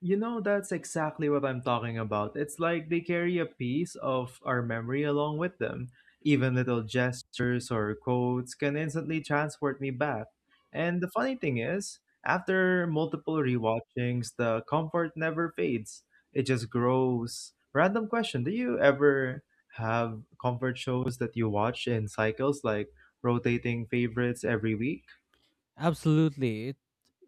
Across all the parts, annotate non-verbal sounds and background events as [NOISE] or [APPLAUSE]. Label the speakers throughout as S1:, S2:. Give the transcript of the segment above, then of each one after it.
S1: You know, that's exactly what I'm talking about. It's like they carry a piece of our memory along with them. Even little gestures or quotes can instantly transport me back. And the funny thing is, after multiple rewatchings, the comfort never fades. It just grows. Random question, do you ever have comfort shows that you watch in cycles like rotating favorites every week?
S2: Absolutely.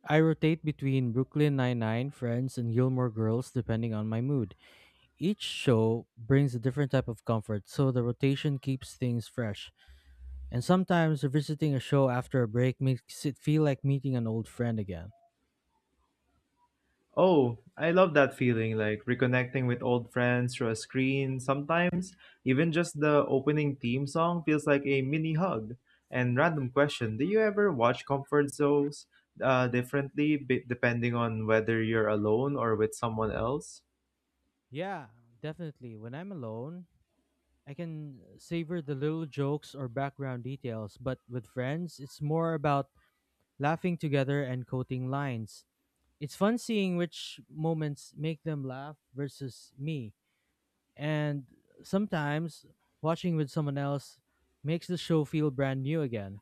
S2: I rotate between Brooklyn Nine-Nine, Friends, and Gilmore Girls depending on my mood. Each show brings a different type of comfort, so the rotation keeps things fresh. And sometimes revisiting a show after a break makes it feel like meeting an old friend again.
S1: Oh, I love that feeling, like reconnecting with old friends through a screen. Sometimes, even just the opening theme song feels like a mini hug. And random question, do you ever watch comfort zones differently depending on whether you're alone or with someone else?
S2: Yeah, definitely. When I'm alone, I can savor the little jokes or background details, but with friends, it's more about laughing together and quoting lines. It's fun seeing which moments make them laugh versus me. And sometimes watching with someone else makes the show feel brand new again.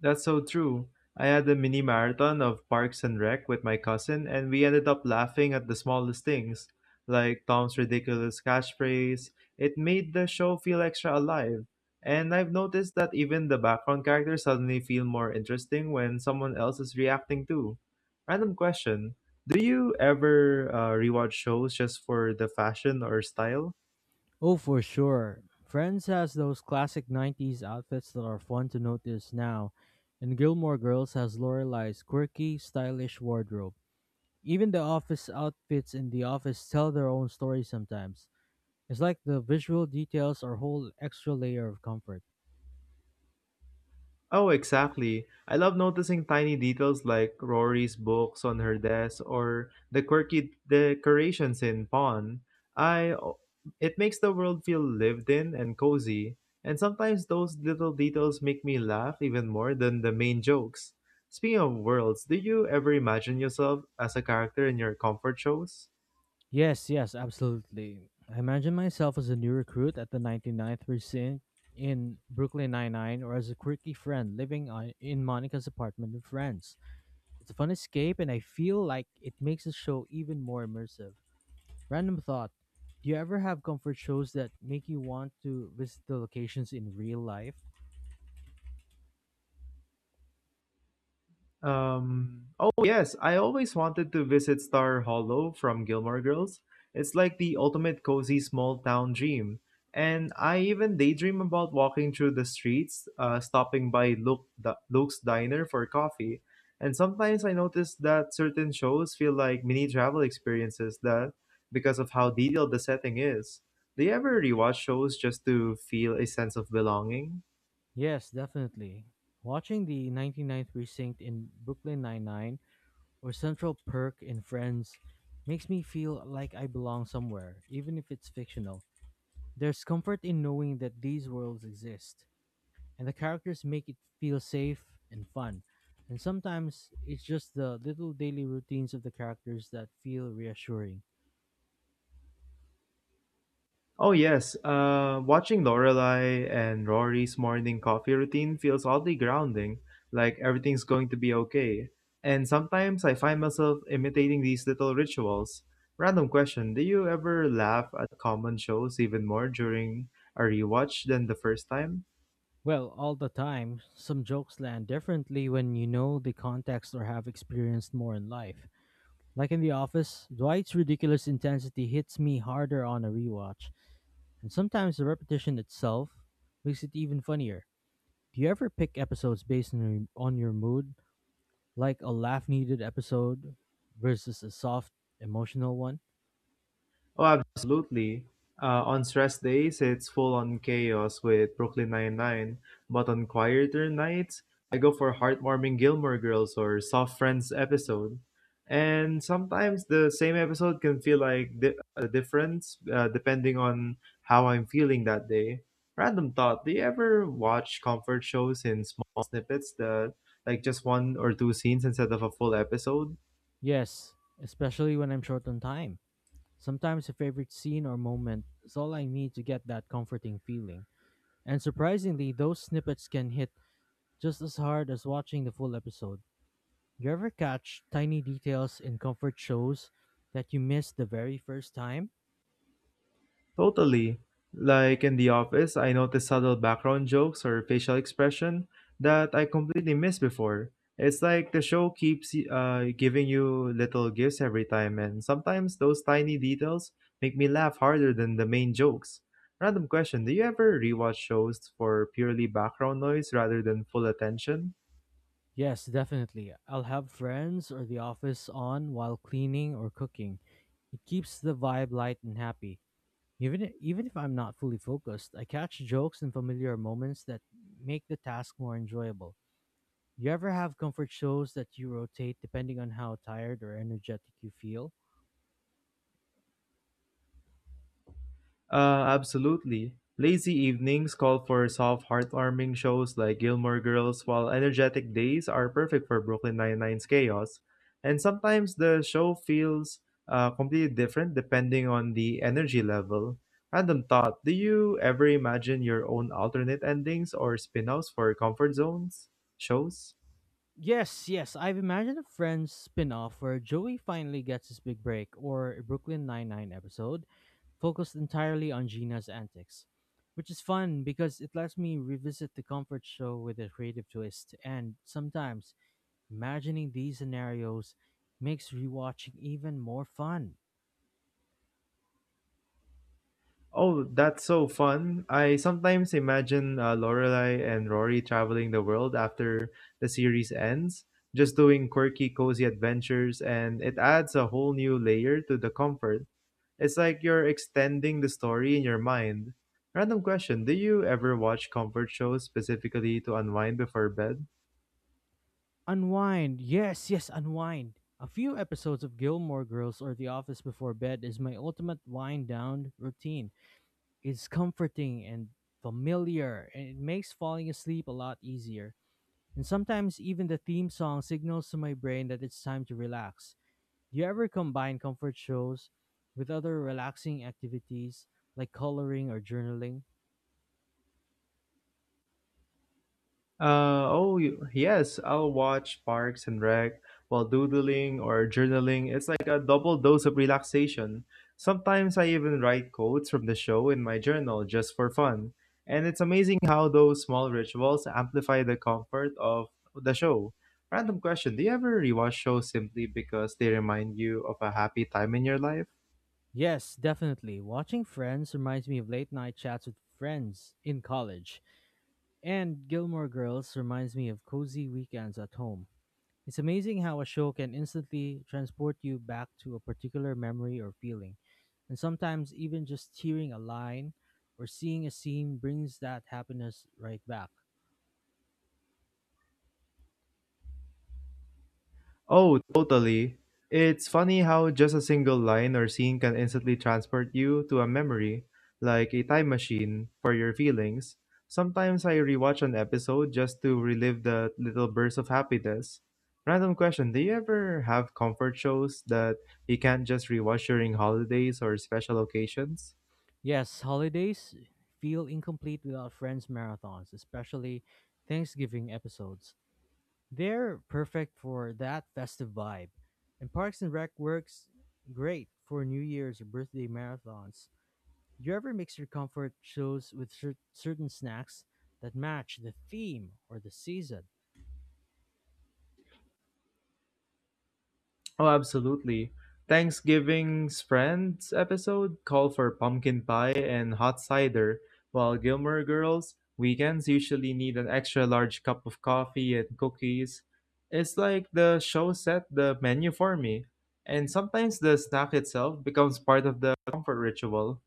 S1: That's so true. I had a mini marathon of Parks and Rec with my cousin, and we ended up laughing at the smallest things, like Tom's ridiculous catchphrase. It made the show feel extra alive. And I've noticed that even the background characters suddenly feel more interesting when someone else is reacting too. Random question. Do you ever rewatch shows just for the fashion or style?
S2: Oh, for sure. Friends has those classic 90s outfits that are fun to notice now, and Gilmore Girls has Lorelai's quirky, stylish wardrobe. Even the office outfits in the office tell their own story sometimes. It's like the visual details are whole extra layer of comfort.
S1: Oh, exactly. I love noticing tiny details like Rory's books on her desk or the quirky decorations in Pawn. I It makes the world feel lived in and cozy, and sometimes those little details make me laugh even more than the main jokes. Speaking of worlds, do you ever imagine yourself as a character in your comfort shows?
S2: Yes, absolutely. I imagine myself as a new recruit at the 99th precinct in Brooklyn Nine-Nine or as a quirky friend in Monica's apartment in France. It's a fun escape and I feel like it makes the show even more immersive. Random thought. Do you ever have comfort shows that make you want to visit the locations in real life?
S1: Oh yes, I always wanted to visit Star Hollow from Gilmore Girls. It's like the ultimate cozy small town dream. And I even daydream about walking through the streets, stopping by Luke, Luke's Diner for coffee. And sometimes I notice that certain shows feel like mini travel experiences that because of how detailed the setting is. Do you ever rewatch shows just to feel a sense of belonging?
S2: Yes, definitely. Watching the 99th Precinct in Brooklyn Nine-Nine or Central Perk in Friends makes me feel like I belong somewhere, even if it's fictional. There's comfort in knowing that these worlds exist, and the characters make it feel safe and fun. And sometimes it's just the little daily routines of the characters that feel reassuring.
S1: Oh yes, watching Lorelai and Rory's morning coffee routine feels oddly grounding, like everything's going to be okay. And sometimes I find myself imitating these little rituals. Random question, do you ever laugh at common shows even more during a rewatch than the first time?
S2: Well, all the time, some jokes land differently when you know the context or have experienced more in life. Like in The Office, Dwight's ridiculous intensity hits me harder on a rewatch, and sometimes the repetition itself makes it even funnier. Do you ever pick episodes based on on your mood, like a laugh needed episode versus a soft, emotional one?
S1: Oh, absolutely. On stress days, it's full on chaos with Brooklyn Nine-Nine, but on quieter nights, I go for heartwarming Gilmore Girls or Soft Friends episode. And sometimes the same episode can feel like a difference depending on how I'm feeling that day. Random thought, do you ever watch comfort shows in small snippets that like just one or two scenes instead of a full episode?
S2: Yes, especially when I'm short on time. Sometimes a favorite scene or moment is all I need to get that comforting feeling. And surprisingly, those snippets can hit just as hard as watching the full episode. You ever catch tiny details in comfort shows that you missed the very first time?
S1: Totally. Like in the office, I notice subtle background jokes or facial expression that I completely missed before. It's like the show keeps giving you little gifts every time, and sometimes those tiny details make me laugh harder than the main jokes. Random question. Do you ever rewatch shows for purely background noise rather than full attention?
S2: Yes, definitely. I'll have friends or the office on while cleaning or cooking. It keeps the vibe light and happy. Even if I'm not fully focused, I catch jokes and familiar moments that make the task more enjoyable. You ever have comfort shows that you rotate depending on how tired or energetic you feel?
S1: Absolutely. Lazy evenings call for soft, heartwarming shows like Gilmore Girls, while energetic days are perfect for Brooklyn Nine-Nine's chaos. And sometimes the show feels completely different depending on the energy level. Random thought, do you ever imagine your own alternate endings or spin-offs for comfort zones shows?
S2: Yes, I've imagined a Friends spin-off where Joey finally gets his big break, or a Brooklyn Nine-Nine episode focused entirely on Gina's antics, which is fun because it lets me revisit the comfort show with a creative twist, and sometimes imagining these scenarios makes rewatching even more fun.
S1: Oh, that's so fun. I sometimes imagine Lorelai and Rory traveling the world after the series ends, just doing quirky, cozy adventures, and it adds a whole new layer to the comfort. It's like you're extending the story in your mind. Random question. Do you ever watch comfort shows specifically to unwind before bed?
S2: Unwind. A few episodes of Gilmore Girls or The Office before bed is my ultimate wind down routine. It's comforting and familiar, and it makes falling asleep a lot easier. And sometimes even the theme song signals to my brain that it's time to relax. Do you ever combine comfort shows with other relaxing activities like coloring or journaling?
S1: Oh, yes, I'll watch Parks and Rec while doodling or journaling. It's like a double dose of relaxation. Sometimes I even write quotes from the show in my journal just for fun. And it's amazing how those small rituals amplify the comfort of the show. Random question, do you ever rewatch shows simply because they remind you of a happy time in your life?
S2: Yes, definitely. Watching Friends reminds me of late night chats with friends in college, and Gilmore Girls reminds me of cozy weekends at home. It's amazing how a show can instantly transport you back to a particular memory or feeling. And sometimes even just hearing a line or seeing a scene brings that happiness right back.
S1: Oh, totally. It's funny how just a single line or scene can instantly transport you to a memory, like a time machine for your feelings. Sometimes I rewatch an episode just to relive the little bursts of happiness. Random question. Do you ever have comfort shows that you can't just rewatch during holidays or special occasions?
S2: Yes, holidays feel incomplete without friends marathons, especially Thanksgiving episodes. They're perfect for that festive vibe. And Parks and Rec works great for New Year's or birthday marathons. Do you ever mix your comfort shows with certain snacks that match the theme or the season?
S1: Oh, absolutely. Thanksgiving's Friends episode called for pumpkin pie and hot cider, while Gilmore Girls' weekends usually need an extra large cup of coffee and cookies. It's like the show set the menu for me, and sometimes the snack itself becomes part of the comfort ritual.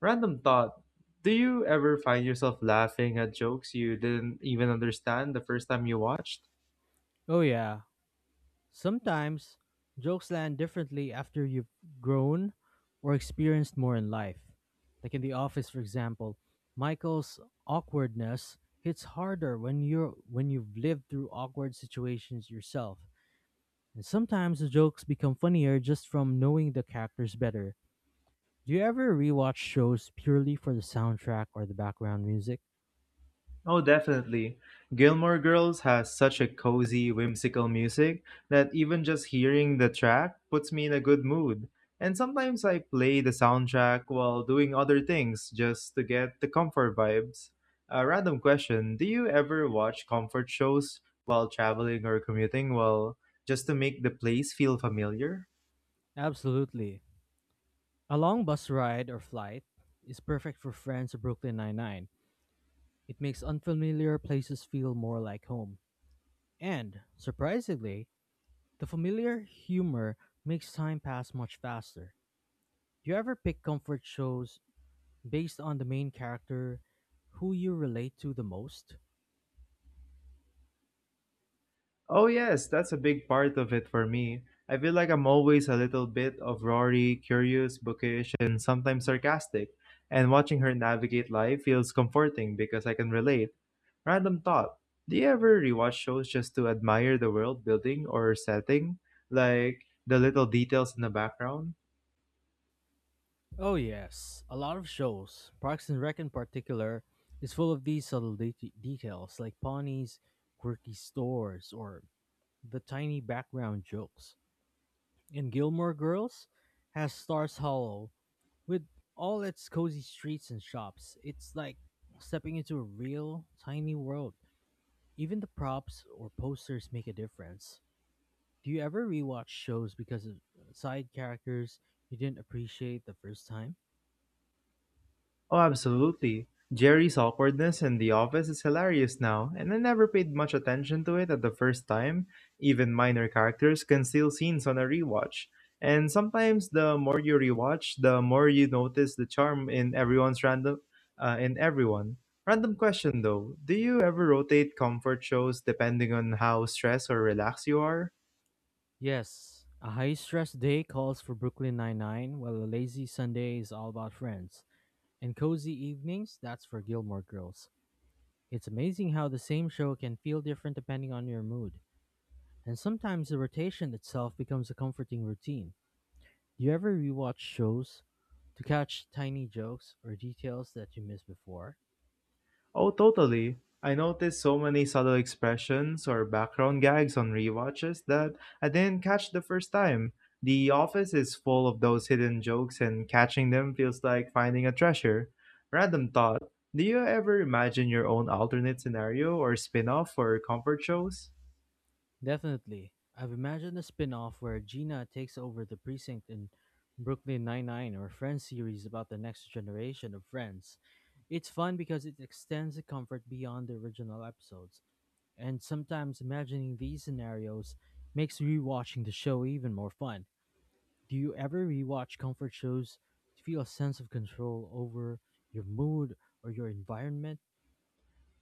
S1: Random thought. Do you ever find yourself laughing at jokes you didn't even understand the first time you watched?
S2: Oh, yeah. Sometimes jokes land differently after you've grown or experienced more in life. Like in The Office, for example, Michael's awkwardness hits harder when you've lived through awkward situations yourself. And sometimes the jokes become funnier just from knowing the characters better. Do you ever rewatch shows purely for the soundtrack or the background music?
S1: Oh, definitely. Gilmore Girls has such a cozy, whimsical music that even just hearing the track puts me in a good mood. And sometimes I play the soundtrack while doing other things just to get the comfort vibes. A random question. Do you ever watch comfort shows while traveling or commuting? Well, just to make the place feel familiar?
S2: Absolutely. A long bus ride or flight is perfect for friends of Brooklyn Nine-Nine. It makes unfamiliar places feel more like home. And, surprisingly, the familiar humor makes time pass much faster. Do you ever pick comfort shows based on the main character who you relate to the most?
S1: Oh yes, that's a big part of it for me. I feel like I'm always a little bit of Rory, curious, bookish, and sometimes sarcastic. And watching her navigate life feels comforting because I can relate. Random thought. Do you ever rewatch shows just to admire the world building or setting? Like the little details in the background?
S2: Oh, yes. A lot of shows, Parks and Rec in particular, is full of these subtle details like ponies, quirky stores, or the tiny background jokes. And Gilmore Girls has Stars Hollow. With all its cozy streets and shops, it's like stepping into a real, tiny world. Even the props or posters make a difference. Do you ever rewatch shows because of side characters you didn't appreciate the first time?
S1: Oh, absolutely. Jerry's awkwardness in the office is hilarious now, and I never paid much attention to it at the first time. Even minor characters can steal scenes on a rewatch. And sometimes the more you rewatch, the more you notice the charm in everyone's random in everyone. Random question though, do you ever rotate comfort shows depending on how stressed or relaxed you are?
S2: Yes, a high stress day calls for Brooklyn Nine-Nine, while a lazy Sunday is all about friends. And cozy evenings, that's for Gilmore Girls. It's amazing how the same show can feel different depending on your mood, and sometimes the rotation itself becomes a comforting routine. Do you ever rewatch shows to catch tiny jokes or details that you missed before?
S1: Oh, totally. I noticed so many subtle expressions or background gags on rewatches that I didn't catch the first time. The office is full of those hidden jokes, and catching them feels like finding a treasure. Random thought. Do you ever imagine your own alternate scenario or spin off for comfort shows?
S2: Definitely. I've imagined a spin off where Gina takes over the precinct in Brooklyn Nine-Nine or Friends series about the next generation of friends. It's fun because it extends the comfort beyond the original episodes, and sometimes imagining these scenarios makes rewatching the show even more fun. Do you ever rewatch comfort shows to feel a sense of control over your mood or your environment?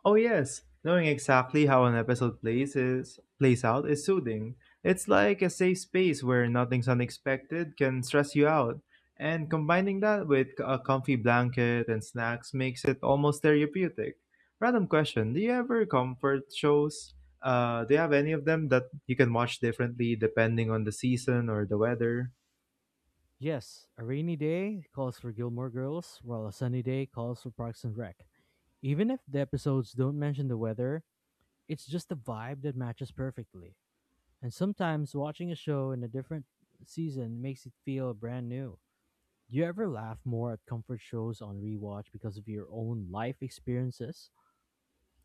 S1: Oh yes, knowing exactly how an episode plays out is soothing. It's like a safe space where nothing's unexpected can stress you out, and combining that with a comfy blanket and snacks makes it almost therapeutic. Random question: do you ever comfort shows? Do you have any of them that you can watch differently depending on the season or the weather?
S2: Yes, a rainy day calls for Gilmore Girls, while a sunny day calls for Parks and Rec. Even if the episodes don't mention the weather, it's just the vibe that matches perfectly. And sometimes watching a show in a different season makes it feel brand new. Do you ever laugh more at comfort shows on rewatch because of your own life experiences?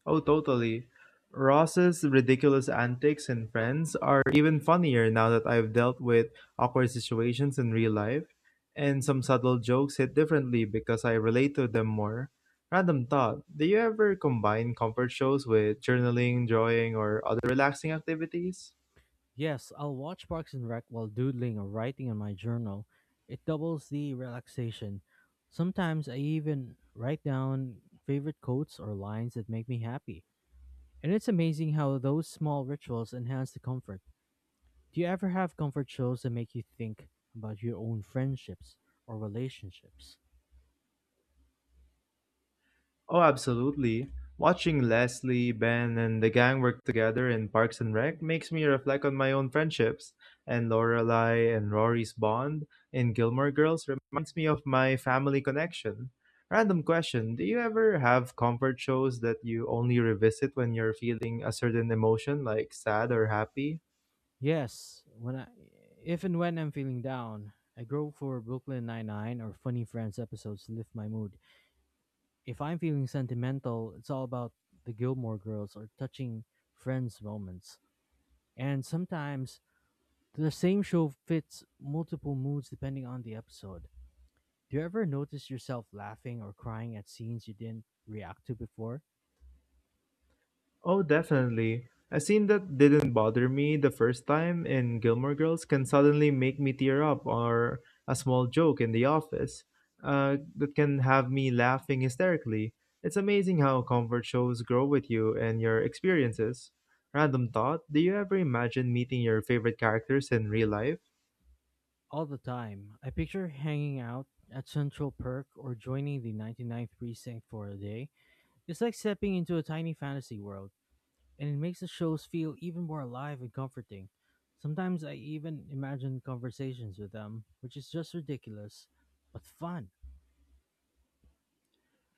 S1: Oh, totally. Ross's ridiculous antics and friends are even funnier now that I've dealt with awkward situations in real life, and some subtle jokes hit differently because I relate to them more. Random thought. Do you ever combine comfort shows with journaling, drawing, or other relaxing activities?
S2: Yes, I'll watch Parks and Rec while doodling or writing in my journal. It doubles the relaxation. Sometimes I even write down favorite quotes or lines that make me happy. And it's amazing how those small rituals enhance the comfort. Do you ever have comfort shows that make you think about your own friendships or relationships?
S1: Oh, absolutely. Watching Leslie, Ben, and the gang work together in Parks and Rec makes me reflect on my own friendships. And Lorelai and Rory's bond in Gilmore Girls reminds me of my family connection. Random question. Do you ever have comfort shows that you only revisit when you're feeling a certain emotion, like sad or happy?
S2: Yes, when I If and when I'm feeling down, I go for Brooklyn Nine-Nine or Funny Friends episodes to lift my mood. If I'm feeling sentimental, it's all about the Gilmore Girls or touching friends moments. And sometimes the same show fits multiple moods depending on the episode. Do you ever notice yourself laughing or crying at scenes you didn't react to before?
S1: Oh, definitely. A scene that didn't bother me the first time in Gilmore Girls can suddenly make me tear up, or a small joke in the office that can have me laughing hysterically. It's amazing how comfort shows grow with you and your experiences. Random thought. Do you ever imagine meeting your favorite characters in real life?
S2: All the time. I picture hanging out at Central Perk or joining the 99th Precinct for a day. It's like stepping into a tiny fantasy world, and it makes the shows feel even more alive and comforting. Sometimes I even imagine conversations with them, which is just ridiculous, but fun.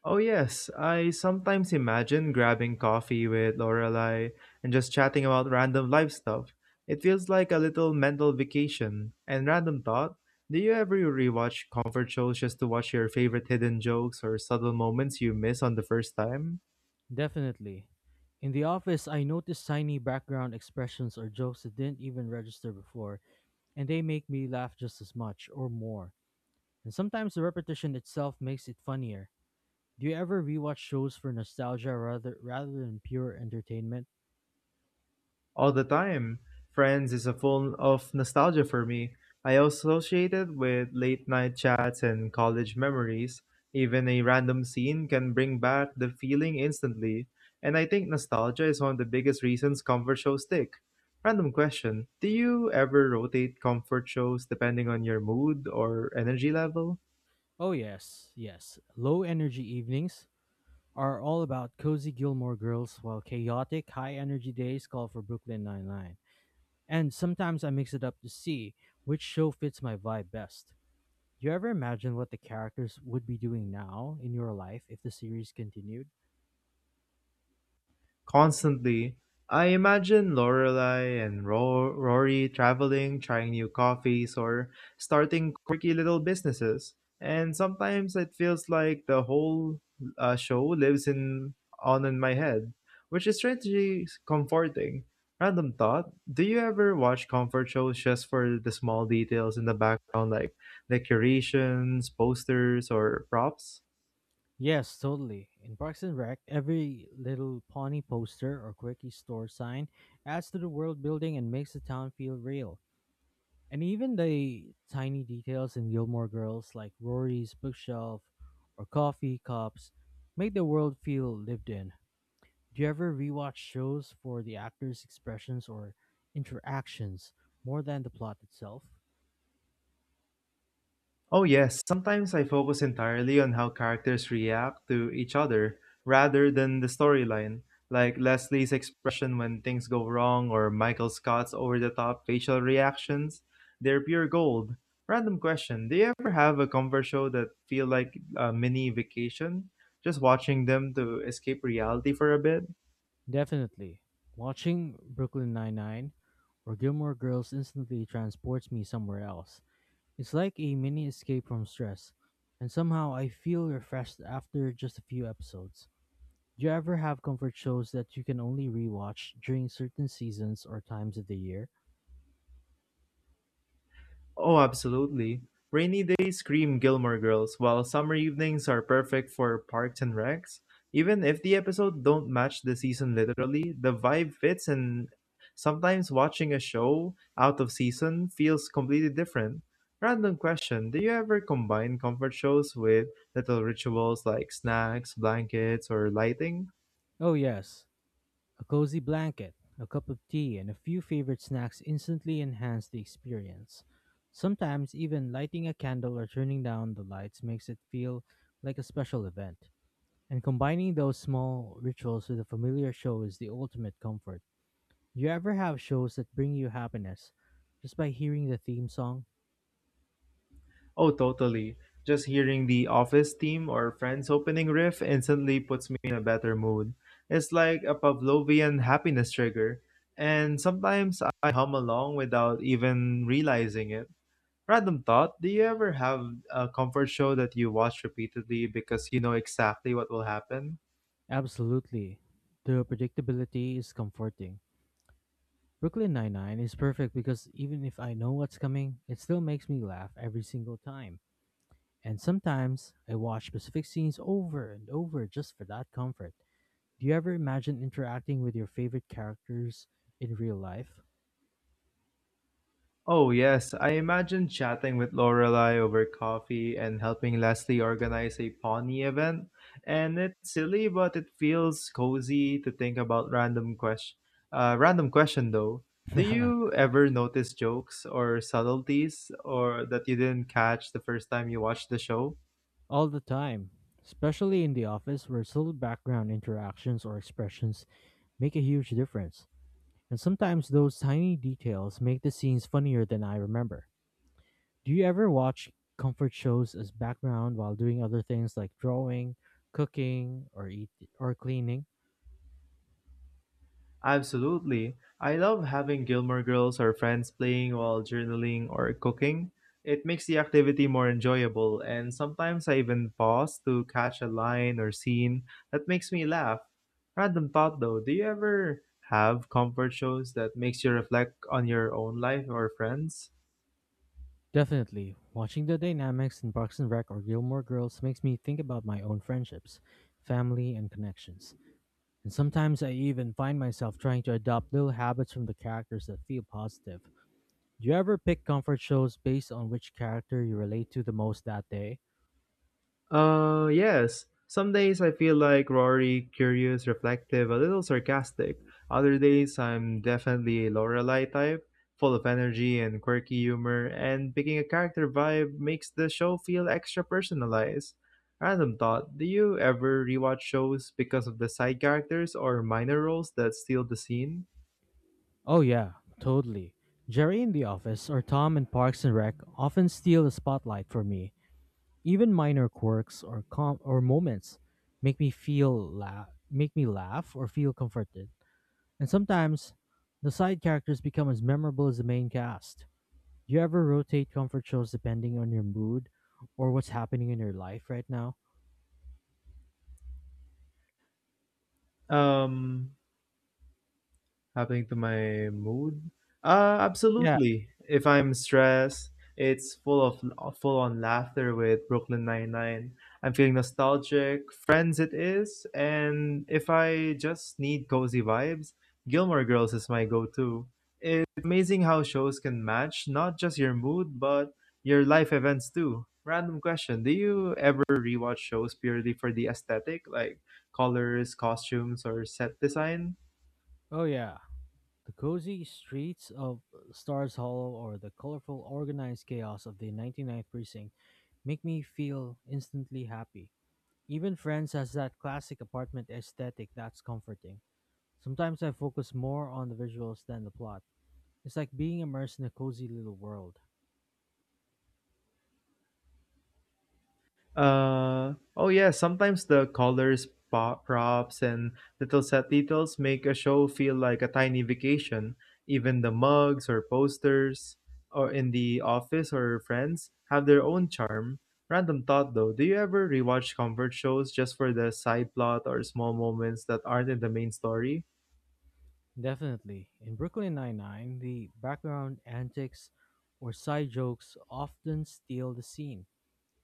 S1: Oh, yes. I sometimes imagine grabbing coffee with Lorelai and just chatting about random life stuff. It feels like a little mental vacation. And random thought, do you ever rewatch comfort shows just to watch your favorite hidden jokes or subtle moments you miss on the first time?
S2: Definitely. In the office, I notice tiny background expressions or jokes that didn't even register before, and they make me laugh just as much or more. And sometimes the repetition itself makes it funnier. Do you ever rewatch shows for nostalgia rather than pure entertainment?
S1: All the time. Friends is a full of nostalgia for me. I associate it with late night chats and college memories. Even a random scene can bring back the feeling instantly. And I think nostalgia is one of the biggest reasons comfort shows stick. Random question. Do you ever rotate comfort shows depending on your mood or energy level?
S2: Oh, yes. Low energy evenings are all about cozy Gilmore girls, while chaotic, high energy days call for Brooklyn Nine-Nine. And sometimes I mix it up to see which show fits my vibe best. Do you ever imagine what the characters would be doing now in your life if the series continued?
S1: Constantly, I imagine Lorelai and Rory traveling, trying new coffees, or starting quirky little businesses. And sometimes it feels like the whole show lives in on in my head, which is strangely comforting. Random thought: do you ever watch comfort shows just for the small details in the background, like decorations, posters, or props?
S2: Yes, totally. In Parks and Rec, every little Pawnee poster or quirky store sign adds to the world building and makes the town feel real. And even the tiny details in Gilmore Girls, like Rory's bookshelf or coffee cups, make the world feel lived in. Do you ever rewatch shows for the actors' expressions or interactions more than the plot itself?
S1: Oh, yes, sometimes I focus entirely on how characters react to each other rather than the storyline, like Leslie's expression when things go wrong or Michael Scott's over the top facial reactions. They're pure gold. Random question. Do you ever have a comfort show that feel like a mini vacation? Just watching them to escape reality for a bit?
S2: Definitely. Watching Brooklyn Nine-Nine or Gilmore Girls instantly transports me somewhere else. It's like a mini escape from stress, and somehow I feel refreshed after just a few episodes. Do you ever have comfort shows that you can only rewatch during certain seasons or times of the year?
S1: Oh, absolutely. Rainy days scream Gilmore Girls, while summer evenings are perfect for parks and recs. Even if the episode don't match the season literally, the vibe fits and sometimes watching a show out of season feels completely different. Random question, do you ever combine comfort shows with little rituals like snacks, blankets, or lighting?
S2: Oh, yes. A cozy blanket, a cup of tea, and a few favorite snacks instantly enhance the experience. Sometimes, even lighting a candle or turning down the lights makes it feel like a special event. And combining those small rituals with a familiar show is the ultimate comfort. Do you ever have shows that bring you happiness just by hearing the theme song?
S1: Oh, totally. Just hearing the Office theme or Friends opening riff instantly puts me in a better mood. It's like a Pavlovian happiness trigger, and sometimes I hum along without even realizing it. Random thought, do you ever have a comfort show that you watch repeatedly because you know exactly what will happen?
S2: Absolutely. The predictability is comforting. Brooklyn Nine-Nine is perfect because even if I know what's coming, it still makes me laugh every single time. And sometimes I watch specific scenes over and over just for that comfort. Do you ever imagine interacting with your favorite characters in real life?
S1: Oh, yes. I imagine chatting with Lorelai over coffee and helping Leslie organize a Pawnee event. And it's silly, but it feels cozy to think about random question. Random question though. Do
S2: [LAUGHS]
S1: you ever notice jokes or subtleties or that you didn't catch the first time you watched the show?
S2: All the time. Especially in The Office where little background interactions or expressions make a huge difference. And sometimes those tiny details make the scenes funnier than I remember. Do you ever watch comfort shows as background while doing other things like drawing, cooking, or eat or cleaning?
S1: Absolutely. I love having Gilmore Girls or friends playing while journaling or cooking. It makes the activity more enjoyable, and sometimes I even pause to catch a line or scene that makes me laugh. Random thought though, do you ever have comfort shows that makes you reflect on your own life or friends?
S2: Definitely. Watching the dynamics in Parks and Rec or Gilmore Girls makes me think about my own friendships, family, and connections. And sometimes I even find myself trying to adopt little habits from the characters that feel positive. Do you ever pick comfort shows based on which character you relate to the most that day?
S1: Yes. Some days I feel like Rory, curious, reflective, a little sarcastic. Other days I'm definitely a Lorelei type, full of energy and quirky humor, and picking a character vibe makes the show feel extra personalized. Random thought, do you ever rewatch shows because of the side characters or minor roles that steal the scene?
S2: Oh, yeah, totally. Jerry in The Office or Tom in Parks and Rec often steal the spotlight for me. Even minor quirks or moments make me make me laugh or feel comforted. And sometimes the side characters become as memorable as the main cast. Do you ever rotate comfort shows depending on your mood or what's happening in your life right now?
S1: Um, Happening to my mood?
S2: Yeah.
S1: Absolutely. If I'm stressed, it's full on laughter with Brooklyn Nine Nine. I'm feeling nostalgic. Friends, it is. And if I just need cozy vibes, Gilmore Girls is my go-to. It's amazing how shows can match not just your mood but your life events too. Random question: Do you ever rewatch shows purely for the aesthetic, like colors, costumes, or set design?
S2: Oh yeah. The cozy streets of Stars Hollow or the colorful organized chaos of the Ninety Ninth precinct make me feel instantly happy. Even Friends has that classic apartment aesthetic that's comforting. Sometimes I focus more on the visuals than the plot. It's like being immersed in a cozy little world.
S1: Oh yeah, sometimes the colors, props, and little set details make a show feel like a tiny vacation. Even the mugs or posters or in the office or friends have their own charm. Random thought though, do you ever rewatch comfort shows just for the side plot or small moments that aren't in the main story?
S2: Definitely. In Brooklyn Nine-Nine, the background antics or side jokes often steal the scene.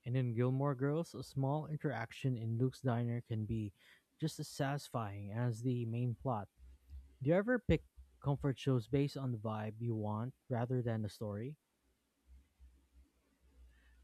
S2: And in Gilmore Girls, a small interaction in Luke's diner can be just as satisfying as the main plot. Do you ever pick comfort shows based on the vibe you want rather than the story?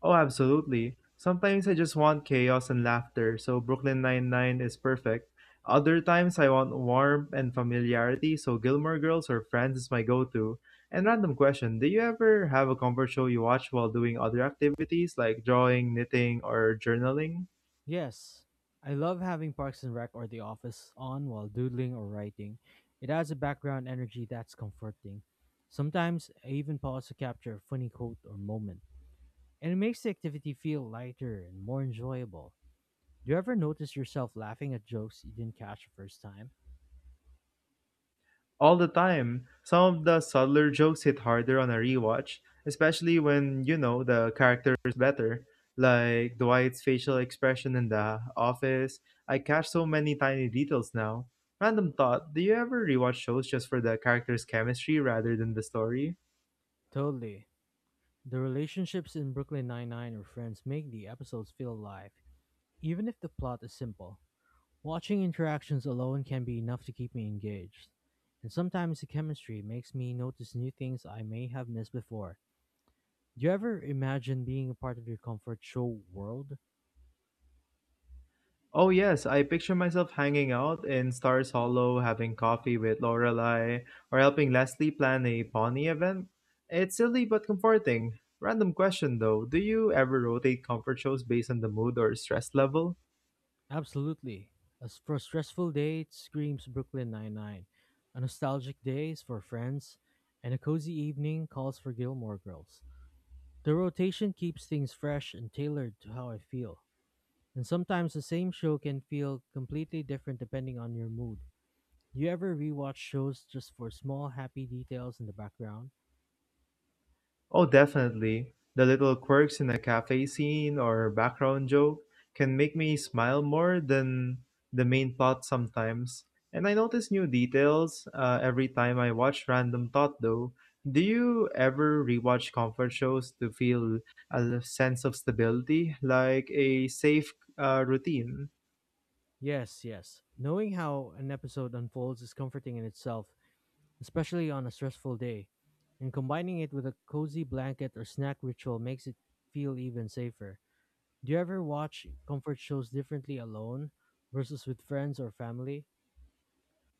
S1: Oh, absolutely. Sometimes I just want chaos and laughter, so Brooklyn Nine-Nine is perfect. Other times I want warmth and familiarity, so Gilmore Girls or Friends is my go-to. And random question, do you ever have a comfort show you watch while doing other activities like drawing, knitting, or journaling?
S2: Yes, I love having Parks and Rec or The Office on while doodling or writing. It adds a background energy that's comforting. Sometimes I even pause to capture a funny quote or moment, and it makes the activity feel lighter and more enjoyable. Do you ever notice yourself laughing at jokes you didn't catch the first time?
S1: All the time. Some of the subtler jokes hit harder on a rewatch, especially when you know the character is better, like Dwight's facial expression in the office. I catch so many tiny details now. Random thought, do you ever rewatch shows just for the character's chemistry rather than the story?
S2: Totally. The relationships in Brooklyn Nine-Nine or Friends make the episodes feel alive, even if the plot is simple. Watching interactions alone can be enough to keep me engaged, and sometimes the chemistry makes me notice new things I may have missed before. Do you ever imagine being a part of your comfort show world?
S1: Oh yes, I picture myself hanging out in Stars Hollow, having coffee with Lorelai, or helping Leslie plan a pony event. It's silly but comforting. Random question though, do you ever rotate comfort shows based on the mood or stress level?
S2: Absolutely. As for a stressful day, it screams Brooklyn Nine-Nine. A nostalgic day is for Friends, and a cozy evening calls for Gilmore Girls. The rotation keeps things fresh and tailored to how I feel. And sometimes the same show can feel completely different depending on your mood. You ever rewatch shows just for small happy details in the background?
S1: Oh, definitely. The little quirks in a cafe scene or background joke can make me smile more than the main plot sometimes. And I notice new details every time I watch Random Thought, though. Do you ever rewatch comfort shows to feel a sense of stability, like a safe routine?
S2: Yes, yes. Knowing how an episode unfolds is comforting in itself, especially on a stressful day. And combining it with a cozy blanket or snack ritual makes it feel even safer. Do you ever watch comfort shows differently alone versus with friends or family?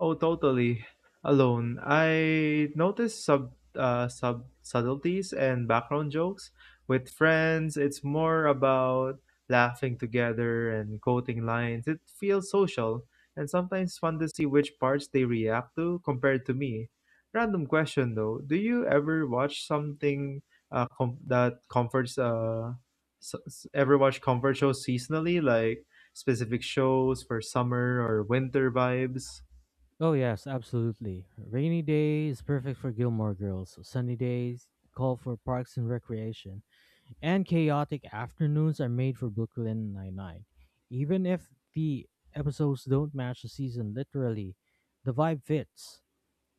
S1: Oh, totally. Alone. I noticed subtleties and background jokes. With friends, it's more about laughing together and quoting lines. It feels social and sometimes fun to see which parts they react to compared to me. Random question though, do you ever watch something com- that comforts s- s- ever watch comfort shows seasonally like specific shows for summer or winter vibes?
S2: Oh, yes, absolutely. Rainy day is perfect for Gilmore Girls, sunny days call for Parks and Recreation, and chaotic afternoons are made for Brooklyn Nine-Nine. Even if the episodes don't match the season literally, the vibe fits.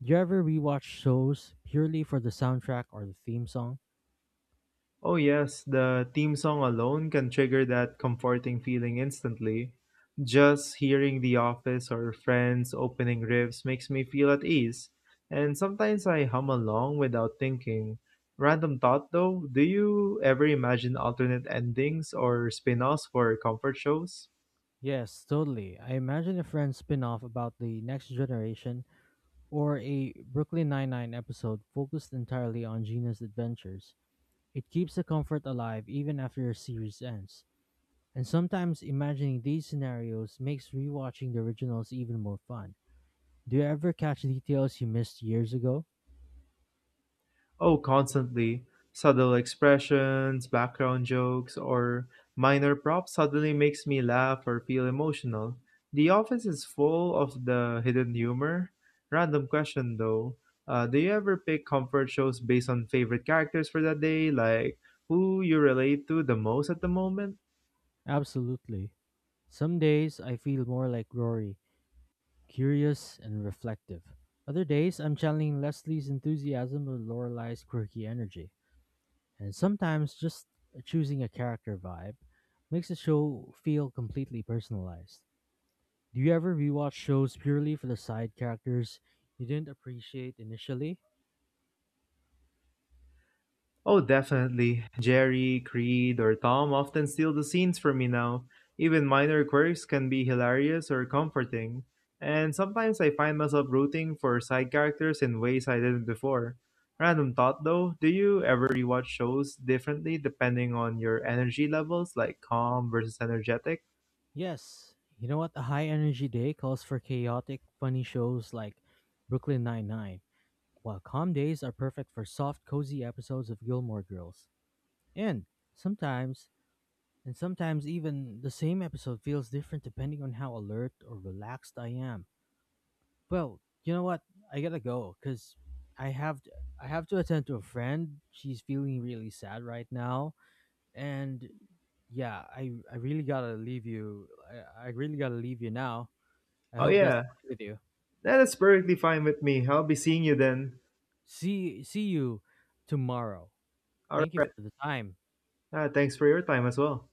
S2: Do you ever rewatch shows purely for the soundtrack or the theme song?
S1: Oh, yes, the theme song alone can trigger that comforting feeling instantly. Just hearing The Office or Friends opening riffs makes me feel at ease, and sometimes I hum along without thinking. Random thought though, do you ever imagine alternate endings or spin offs for comfort shows?
S2: Yes, totally. I imagine a Friends spin-off about the next generation or a Brooklyn Nine-Nine episode focused entirely on Gina's adventures. It keeps the comfort alive even after a series ends. And sometimes imagining these scenarios makes rewatching the originals even more fun. Do you ever catch details you missed years ago?
S1: Oh, constantly. Subtle expressions, background jokes, or minor props suddenly makes me laugh or feel emotional. The office is full of the hidden humor. Random question though. Do you ever pick comfort shows based on favorite characters for that day, like who you relate to the most at the moment?
S2: Absolutely. Some days I feel more like Rory, curious and reflective. Other days I'm channeling Leslie's enthusiasm with Lorelai's quirky energy. And sometimes just choosing a character vibe makes the show feel completely personalized. Do you ever rewatch shows purely for the side characters you didn't appreciate initially?
S1: Oh, definitely. Jerry, Creed, or Tom often steal the scenes from me now. Even minor quirks can be hilarious or comforting. And sometimes I find myself rooting for side characters in ways I didn't before. Random thought though, do you ever rewatch shows differently depending on your energy levels, like calm versus energetic?
S2: Yes, you know what? A high energy day calls for chaotic, funny shows like Brooklyn Nine-Nine, while calm days are perfect for soft, cozy episodes of Gilmore Girls. And sometimes, and sometimes, even the same episode feels different depending on how alert or relaxed I am. Well, you know what? I gotta go because I have to, I have to attend to a friend. She's feeling really sad right now, and yeah, I really gotta leave you. I really gotta leave you now. I
S1: Oh,
S2: hope that's
S1: yeah,
S2: fine with you.
S1: that is perfectly fine with me. I'll be seeing you then.
S2: See you tomorrow.
S1: All
S2: Thank you
S1: right,
S2: for the time.
S1: thanks for your time as well.